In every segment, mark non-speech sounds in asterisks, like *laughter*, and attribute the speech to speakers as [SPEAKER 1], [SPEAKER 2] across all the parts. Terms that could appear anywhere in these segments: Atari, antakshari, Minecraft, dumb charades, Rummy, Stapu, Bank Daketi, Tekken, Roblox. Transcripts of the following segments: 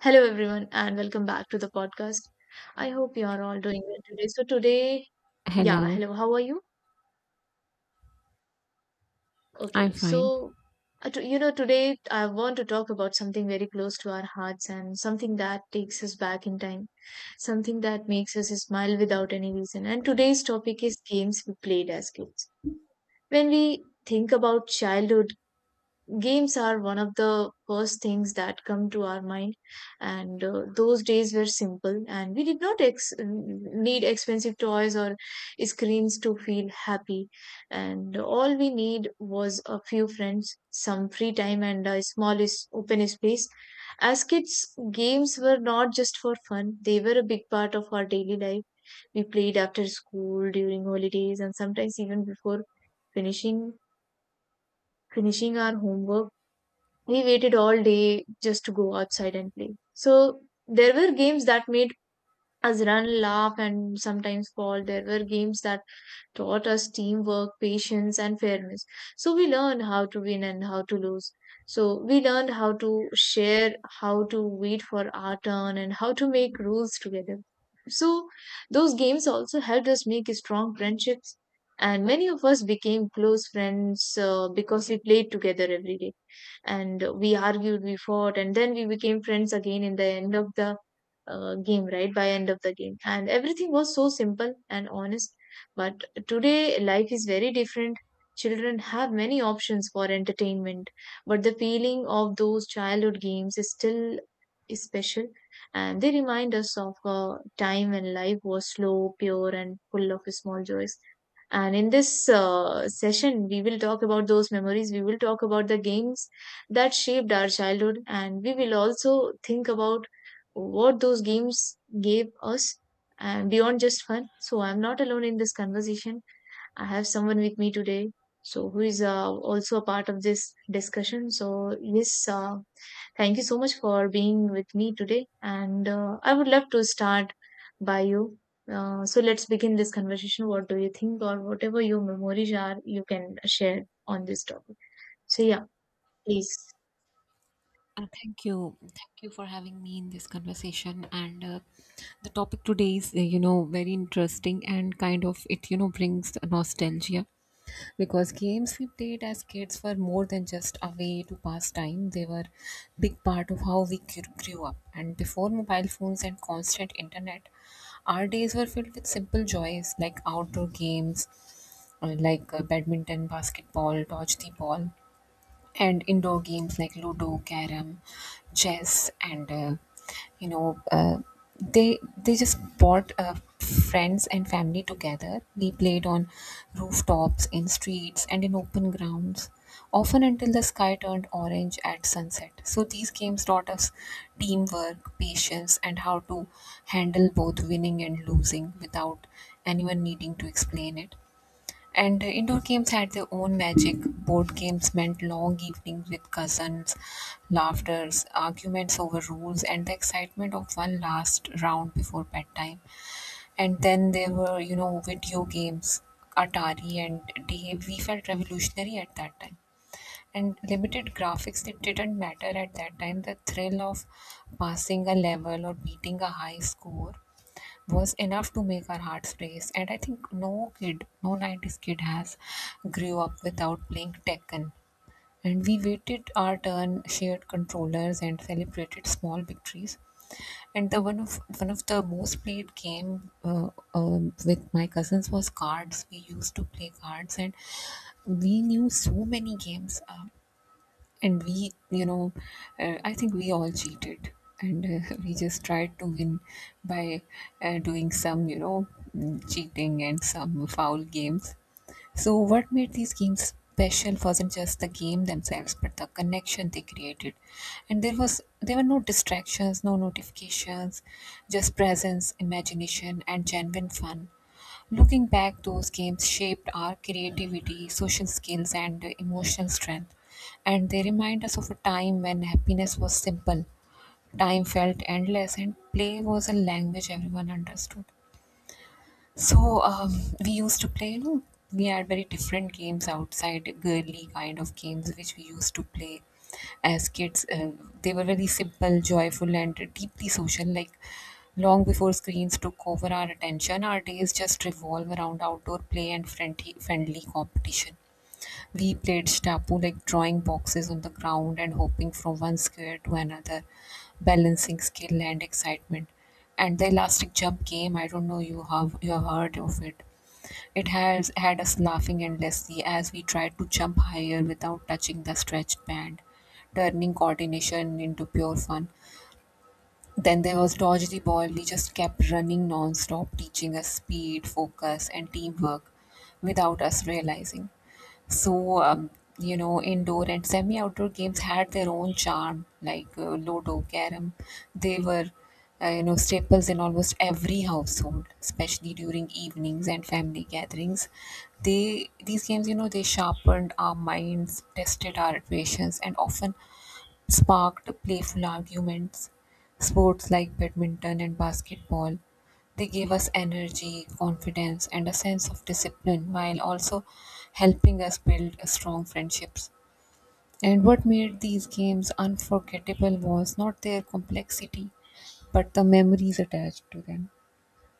[SPEAKER 1] Hello, everyone, and welcome back to the podcast. I hope you are all doing well today. So, today, yeah,
[SPEAKER 2] Hello,
[SPEAKER 1] hello, how are you?
[SPEAKER 2] I'm
[SPEAKER 1] Okay,
[SPEAKER 2] fine.
[SPEAKER 1] so, today I want to talk about something very close to our hearts and something that takes us back in time, something that makes us smile without any reason. And today's topic is games we played as kids. When we think about childhood, games are one of the first things that come to our mind, and those days were simple, and we did not need expensive toys or screens to feel happy. And all we need was a few friends, some free time, and a small open space. As kids, games were not just for fun, they were a big part of our daily life. We played after school, during holidays, and sometimes even before finishing finishing our homework. We waited all day just to go outside and play. So there were games that made us run, laugh, and sometimes fall. There were games that taught us teamwork, patience, and fairness. So we learned how to win and how to lose. So we learned how to share, how to wait for our turn, and how to make rules together. So those games also helped us make strong friendships, and many of us became close friends because we played together every day. And we argued, we fought, and then we became friends again in the end of the game right by end of the game, and everything was so simple and honest. But today life is very different. Children have many options for entertainment, but the feeling of those childhood games is still is special, and they remind us of a time when life was slow, pure, and full of small joys. And in this session, we will talk about those memories. We will talk about the games that shaped our childhood, and we will also think about what those games gave us and beyond just fun. So I'm not alone in this conversation. I have someone with me today, so who is also a part of this discussion. So yes, thank you so much for being with me today, and I would love to start by you. So let's begin this conversation. What do you think, or whatever your memories are, you can share on this topic. So yeah, please.
[SPEAKER 2] Thank you. Thank you for having me in this conversation. And The topic today is, you know, very interesting and kind of brings nostalgia because games we played as kids were more than just a way to pass time. They were big part of how we grew up. And before mobile phones and constant internet, our days were filled with simple joys like outdoor games, like badminton, basketball, dodge the ball, and indoor games like ludo, carrom, chess, and uh, you know uh, they they just brought friends and family together. They played on rooftops, in streets, and in open grounds, often until the sky turned orange at sunset. So these games taught us teamwork, patience, and how to handle both winning and losing without anyone needing to explain it. And Indoor games had their own magic. Board games meant long evenings with cousins, laughters, arguments over rules, and the excitement of one last round before bedtime. And then there were, you know, video games, Atari and DA. We felt revolutionary at that time. And limited graphics, it didn't matter at that time. The thrill of passing a level or beating a high score was enough to make our hearts race. And I think no kid, no 90s kid has grew up without playing Tekken. And we waited our turn, shared controllers, and celebrated small victories. And the one of the most played game with my cousins was cards. We used to play cards, and we knew so many games. And we you know I think we all cheated, and *laughs* we just tried to win by doing some, cheating and some foul games. So what made these games special wasn't just the game themselves, but the connection they created. And there were no distractions, no notifications, just presence, imagination, and genuine fun. Looking back, those games shaped our creativity, social skills, and emotional strength. And they remind us of a time when happiness was simple, time felt endless, and play was a language everyone understood. So um, we used to play, you know, we had very different games outside, girly kind of games which we used to play as kids. They were very simple, joyful, and deeply social. Like long before screens took over our attention, our days just revolve around outdoor play and friendly competition. We played Stapu, like drawing boxes on the ground and hopping from one square to another, balancing skill and excitement. And the elastic jump game, I don't know, you have heard of it. It has had us laughing endlessly as we tried to jump higher without touching the stretched band, turning coordination into pure fun. Then there was dodge the ball. We just kept running non-stop, teaching us speed, focus, and teamwork without us realizing. So, um, you know, indoor and semi outdoor games had their own charm, like Ludo, Carom. They were, you know, staples in almost every household, especially during evenings and family gatherings. They These games, you know, they sharpened our minds, tested our patience, and often sparked playful arguments. Sports like badminton and basketball, they gave us energy, confidence, and a sense of discipline, while also helping us build strong friendships. And what made these games unforgettable was not their complexity, but the memories attached to them.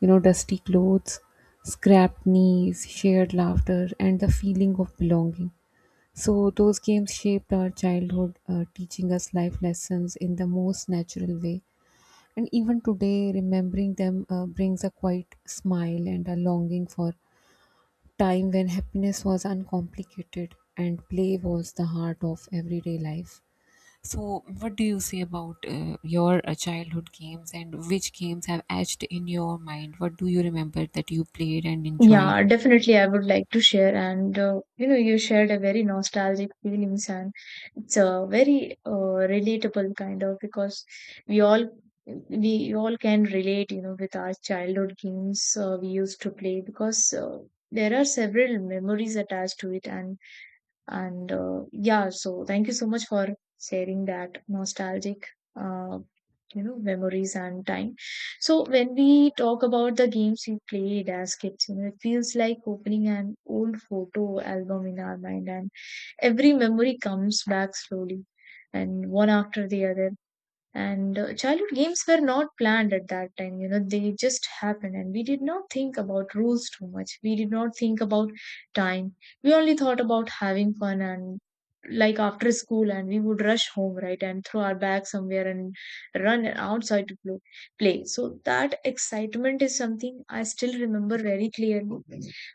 [SPEAKER 2] You know, dusty clothes, scrapped knees, shared laughter, and the feeling of belonging. So those games shaped our childhood, teaching us life lessons in the most natural way. And even today, remembering them brings a quiet smile and a longing for time when happiness was uncomplicated and play was the heart of everyday life. So, what do you say about your childhood games, and which games have etched in your mind? What do you remember that you played and enjoyed?
[SPEAKER 1] Yeah, definitely I would like to share. And you know, you shared a very nostalgic feelings, and it's a very relatable kind of, because we all we all can relate, you know, with our childhood games. We used to play, because there are several memories attached to it. And yeah, so thank you so much for sharing that nostalgic, uh, you know, memories and time. So when we talk about the games we played as kids, you know, it feels like opening an old photo album in our mind, and every memory comes back slowly and one after the other. And childhood games were not planned at that time, you know, they just happened. And we did not think about rules too much, we did not think about time, we only thought about having fun. And like after school, and we would rush home, right, and throw our bag somewhere and run outside to play. So that excitement is something I still remember very clearly.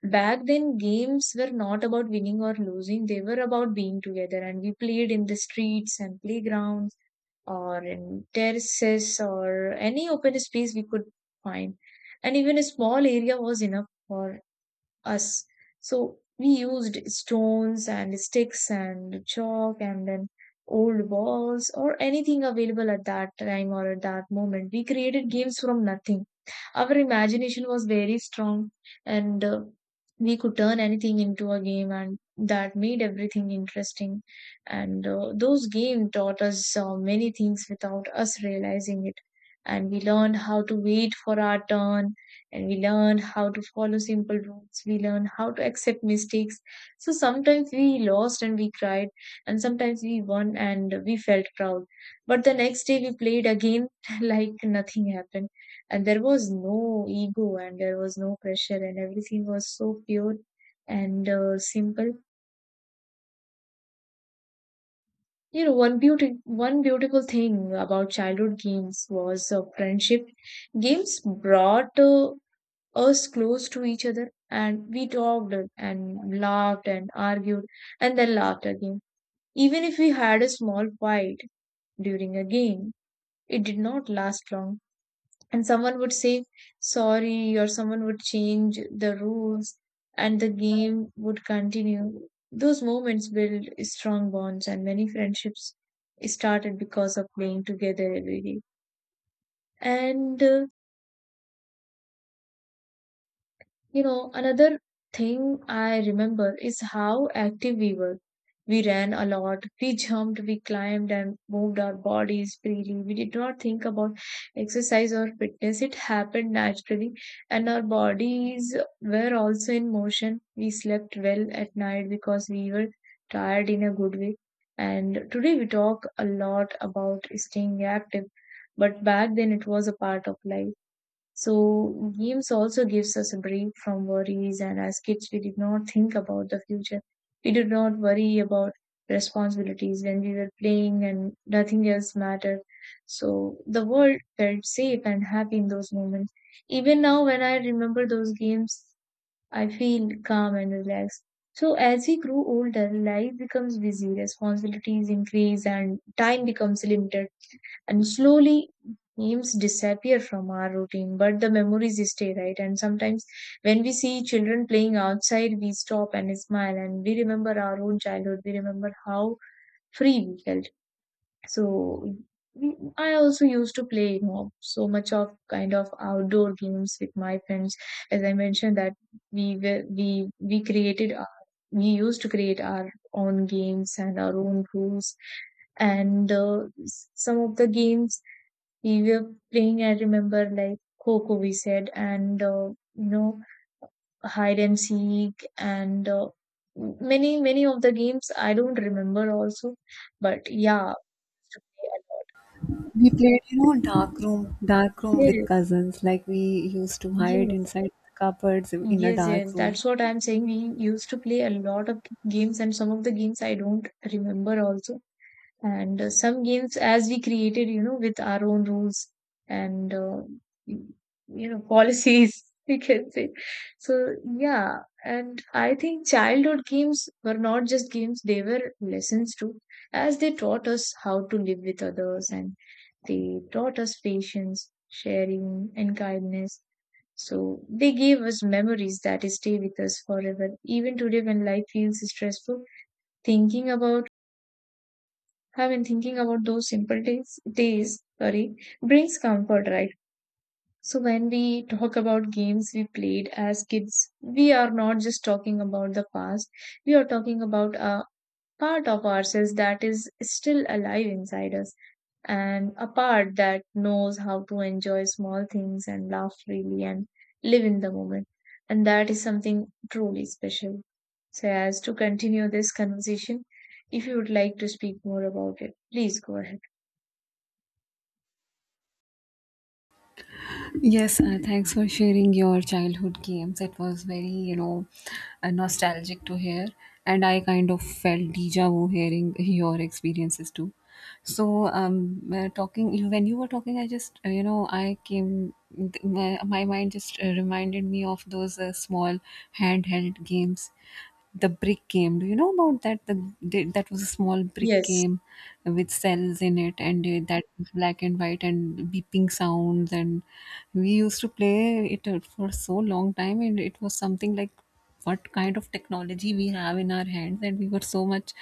[SPEAKER 1] Back then games were not about winning or losing, they were about being together. And we played in the streets and playgrounds, or in terraces, or any open space we could find. And even a small area was enough for us. So we used stones and sticks and chalk, and then old balls or anything available at that time or at that moment. We created games from nothing. Our imagination was very strong, and we could turn anything into a game, and that made everything interesting. And those games taught us many things without us realizing it. And we learned how to wait for our turn, and we learn how to follow simple rules, we learn how to accept mistakes. So sometimes we lost and we cried, and sometimes we won and we felt proud, but the next day we played again *laughs* like nothing happened. And there was no ego, and there was no pressure, and everything was so pure and simple. You know, one beautiful thing about childhood games was friendship. Games brought us close to each other, and we talked and laughed and argued and then laughed again. Even if we had a small fight during a game, it did not last long. And someone would say sorry, or someone would change the rules, and the game would continue. Those moments build strong bonds, and many friendships started because of playing together every day. And you know, another thing I remember is how active we were. We ran a lot, we jumped, we climbed, and moved our bodies freely. We did not think about exercise or fitness, it happened naturally, and our bodies were also in motion. We slept well at night because we were tired in a good way. And today we talk a lot about staying active, but back then it was a part of life. So games also gives us a break from worries, and as kids we did not think about the future. We did not worry about responsibilities when we were playing, and nothing else mattered. So the world felt safe and happy in those moments. Even now when I remember those games, I feel calm and relaxed. So as we grow older, life becomes busy, responsibilities increase, and time becomes limited. And slowly, names disappear from our routine, but the memories stay, right? And sometimes, when we see children playing outside, we stop and smile, and we remember our own childhood. We remember how free we felt. So I also used to play, you know, so much of kind of outdoor games with my friends. As I mentioned that we were, we we created our, we used to create our own games and our own rules. And some of the games we were playing, I remember like Coco, we said, and you know, hide and seek, and many many of the games I don't remember also, but yeah.
[SPEAKER 2] We played, you know, dark room with
[SPEAKER 1] Yes,
[SPEAKER 2] cousins. Like we used to hide
[SPEAKER 1] yes,
[SPEAKER 2] inside the cupboards in a
[SPEAKER 1] yes,
[SPEAKER 2] dark
[SPEAKER 1] yes.
[SPEAKER 2] room.
[SPEAKER 1] That's what I'm saying. We used to play a lot of games, and some of the games I don't remember also. And some games, as we created, you know, with our own rules and, you know, policies, *laughs* we can say. So, yeah. And I think childhood games were not just games, they were lessons too, as they taught us how to live with others, and they taught us patience, sharing, and kindness. So they gave us memories that stay with us forever. Even today, when life feels stressful, thinking about I've been thinking about those simple sorry, brings comfort, right? So when we talk about games we played as kids, we are not just talking about the past. We are talking about our part of ourselves that is still alive inside us, and a part that knows how to enjoy small things and laugh freely and live in the moment. And that is something truly special. So, as to continue this conversation, if you would like to speak more about it, please go ahead.
[SPEAKER 2] Yes, thanks for sharing your childhood games. It was very, you know, nostalgic to hear, and I kind of felt deja vu hearing your experiences too. So, talking you when you were talking, I just, you know, I came th- my mind just reminded me of those small handheld games, the brick game. Do you know about that? That was a small brick
[SPEAKER 1] Yes,
[SPEAKER 2] game with cells in it, and that was black and white, and beeping sounds, and we used to play it for so long time. And it was something like, what kind of technology we have in our hands? And we were so much,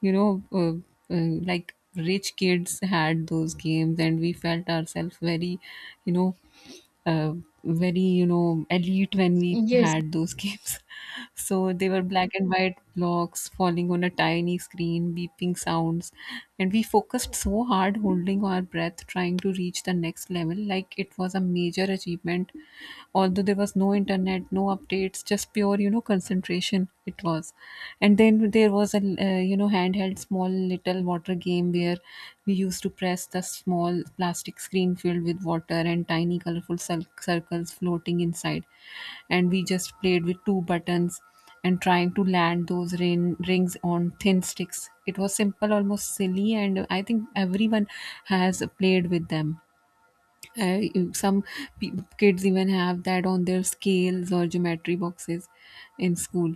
[SPEAKER 2] you know uh, like rich kids had those games, and we felt ourselves very, you know uh, very, you know, elite when we
[SPEAKER 1] yes,
[SPEAKER 2] had those games. *laughs* So they were black and white blocks falling on a tiny screen, beeping sounds, and we focused so hard, holding our breath, trying to reach the next level like it was a major achievement. Although there was no internet, no updates, just pure, you know, concentration. It was. And then there was a, you know, handheld small little water game where we used to press the small plastic screen filled with water and tiny colorful circles floating inside, and we just played with two buttons and trying to land those rings on thin sticks. It was simple, almost silly, and I think everyone has played with them. I, some pe- Kids even have that on their scales or geometry boxes in school.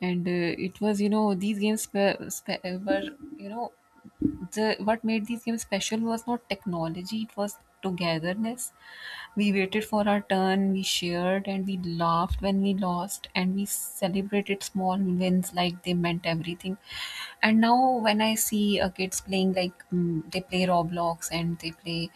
[SPEAKER 2] And it was, you know, these games were, you know, the what made these games special was not technology, it was togetherness. We waited for our turn, we shared, and we laughed when we lost, and we celebrated small wins like they meant everything. And now when I see kids playing, like they play Roblox and they play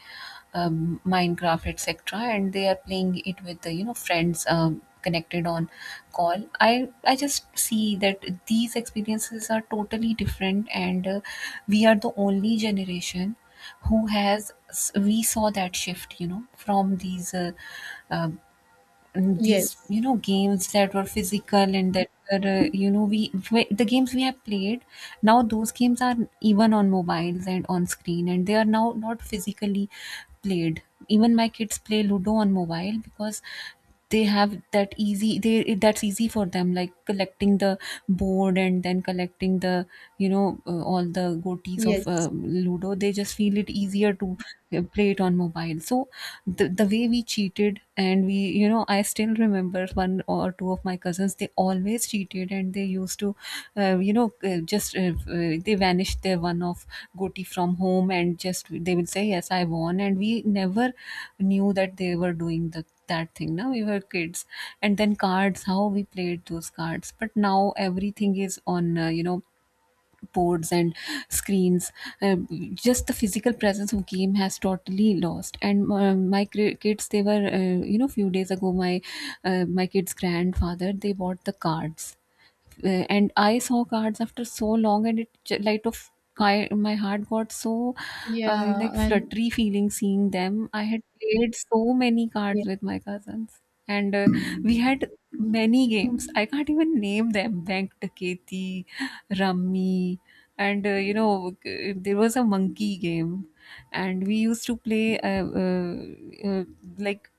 [SPEAKER 2] Minecraft, etc., and they are playing it with the, you know, friends, connected on call. I just see that these experiences are totally different. And we are the only generation who has, we saw that shift, you know, from these uh, these,
[SPEAKER 1] yes,
[SPEAKER 2] you know, games that were physical and that were, you know, the games we have played. Now those games are even on mobiles and on screen, and they are now not physically played. Even my kids play ludo on mobile because they have that easy, they that's easy for them, like collecting the board and then collecting the, you know, all the goatees of
[SPEAKER 1] yes.
[SPEAKER 2] ludo. They just feel it easier to play it on mobile. So the way we cheated, and we, you know, I still remember one or two of my cousins, they always cheated, and they used to you know just they vanished their one of goti from home, and just they will say yes I won, and we never knew that they were doing the that thing. Now we were kids. And then cards, how we played those cards. But now everything is on, you know, boards and screens. Uh, just the physical presence of game has totally lost. And my kids, they were, you know, few days ago, my my kids' grandfather, they bought the cards, and I saw cards after so long, and light of my heart got so
[SPEAKER 1] Yeah,
[SPEAKER 2] like
[SPEAKER 1] and
[SPEAKER 2] fluttery feeling seeing them. I had played so many cards
[SPEAKER 1] yes,
[SPEAKER 2] with my cousins, and we had many games. I can't even name them: Bank Daketi, Rummy, and there was a monkey game, and we used to play, uh, like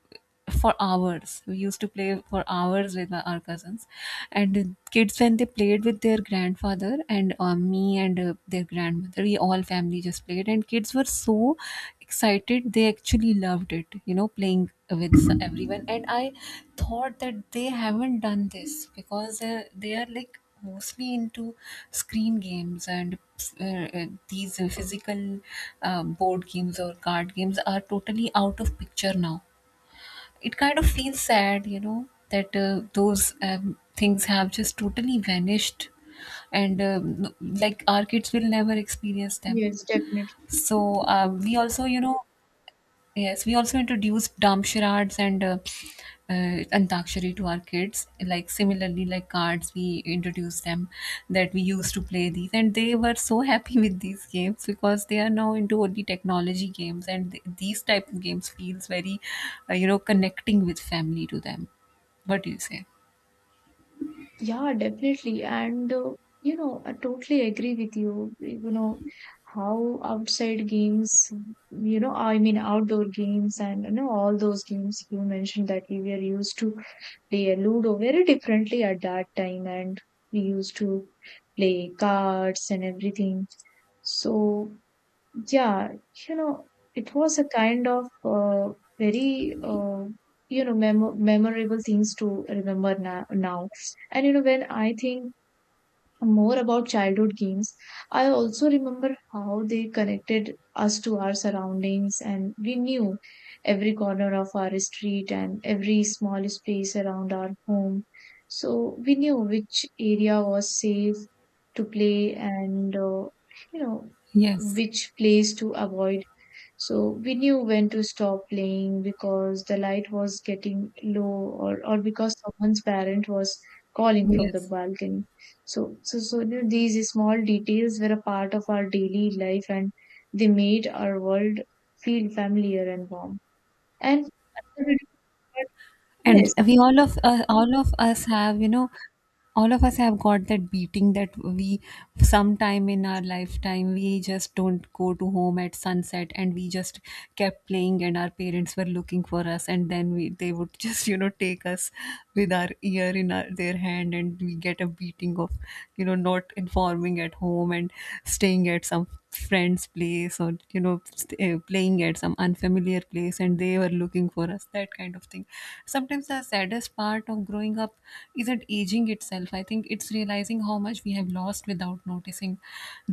[SPEAKER 2] for hours. We used to play for hours with our cousins. And the kids when they played with their grandfather and me and their grandmother, we all family just played, and kids were so excited. They actually loved it, you know, playing with everyone. And I thought that they haven't done this because they are like mostly into screen games, and these physical, board games or card games are totally out of picture now. It kind of feels sad, you know, that those things have just totally vanished, and like our kids will never experience them.
[SPEAKER 1] yes, definitely.
[SPEAKER 2] So we also, you know, yes, we also introduced dumb charades and antakshari to our kids. Like similarly, like cards, we introduced them that we used to play these, and they were so *laughs* happy with these games, because they are now into only technology games, and these type of games feels very, you know, connecting with family to them. What do you say?
[SPEAKER 1] Yeah, definitely. And, you know, I totally agree with you. You know, how outside games, you know, I mean, outdoor games and, you know, all those games you mentioned that we were used to play a Ludo very differently at that time. And we used to play cards and everything. So yeah, you know, it was a kind of very, you know, memorable things to remember now. And, you know, when I think more about childhood games, I also remember how they connected us to our surroundings, and we knew every corner of our street and every small space around our home. So we knew which area was safe to play, and, you know,
[SPEAKER 2] Yes,
[SPEAKER 1] which place to avoid. So we knew when to stop playing because the light was getting or because someone's parent was calling from the
[SPEAKER 2] yes.
[SPEAKER 1] balcony. So you know, these small details were a part of our daily life, and they made our world feel familiar and warm. And another beautiful part,
[SPEAKER 2] And
[SPEAKER 1] yes,
[SPEAKER 2] we all of, all of us have you know all of us have got that beating, that we sometime in our lifetime we just don't go to home at sunset, and we just kept playing, and our parents were looking for us, and then we, they would *laughs* just, you know, take us with our ear in their hand, and we get a beating of, you know, not informing performing at home and staying at some friend's place or, you know, playing at some unfamiliar place, and they were looking for us, that kind of thing. Sometimes the saddest part of growing up isn't aging itself, I think it's realizing how much we have lost without noticing.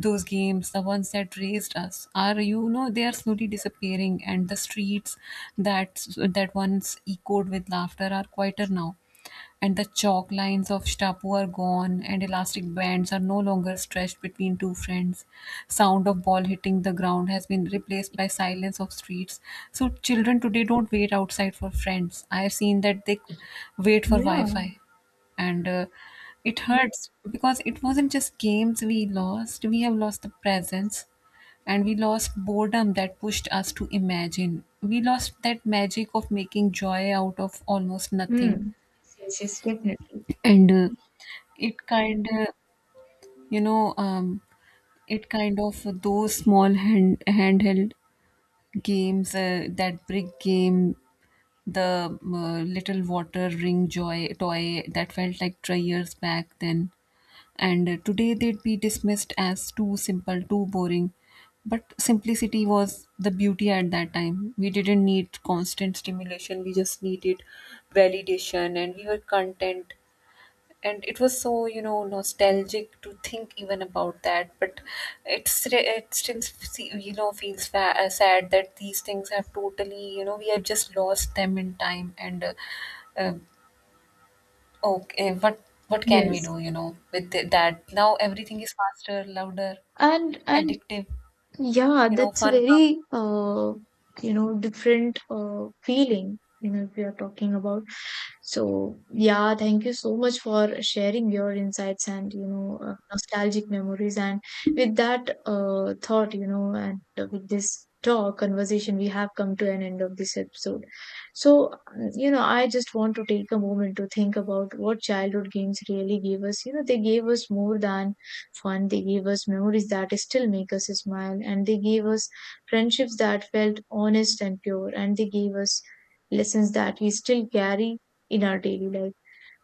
[SPEAKER 2] Those games, the ones that raised us, are, you know, they are slowly disappearing, and the streets that that once echoed with laughter are quieter now. And the chalk lines of Shtapu are gone, and elastic bands are no longer stretched between two friends. Sound of ball hitting the ground has been replaced by silence of streets. So children today don't wait outside for friends. I have seen that they wait for
[SPEAKER 1] yeah.
[SPEAKER 2] Wi-Fi, and it hurts because it wasn't just games we lost. We have lost the presence. And we lost boredom that pushed us to imagine. We lost that magic of making joy out of almost nothing.
[SPEAKER 1] Hmm. Yes, yes, yes, definitely.
[SPEAKER 2] And it kind of you know um, it kind of those small handheld games, that brick game, the little water ring joy toy that felt like 3 years back then. And today they'd be dismissed as too simple, too boring. But simplicity was the beauty. At that time we didn't need constant stimulation, we just needed validation, and we were content. And it was so, you know, nostalgic to think even about that. But it's it still, you know, feels sad that these things have totally, you know, we have just lost them in time. And uh, okay, what can we
[SPEAKER 1] Yes.
[SPEAKER 2] do, you know, with that? Now everything is faster, louder,
[SPEAKER 1] And
[SPEAKER 2] addictive,
[SPEAKER 1] yeah,
[SPEAKER 2] you know,
[SPEAKER 1] that's a
[SPEAKER 2] fun comes.
[SPEAKER 1] very you know, different feeling. You know, if we are talking about. So, yeah, thank you so much for sharing your insights and, you know, nostalgic memories. And with that thought, you know, and with this talk, conversation, we have come to an end of this episode. So, you know, I just want to take a moment to think about what childhood games really gave us. You know, they gave us more than fun, they gave us memories that still make us smile, and they gave us friendships that felt honest and pure, and they gave us lessons that we still carry in our daily life.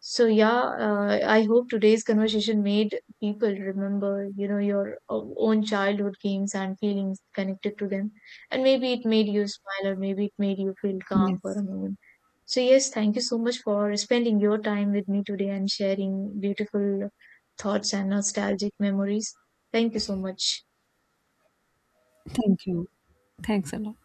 [SPEAKER 1] So yeah, I hope today's conversation made people remember, you know, your own childhood games and feelings connected to them, and maybe it made you smile, or maybe it made you feel calm for
[SPEAKER 2] Yes.
[SPEAKER 1] a moment. So yes, thank you so much for spending your time with me today and sharing beautiful thoughts and nostalgic memories. Thank you so much.
[SPEAKER 2] Thank you. Thanks a lot.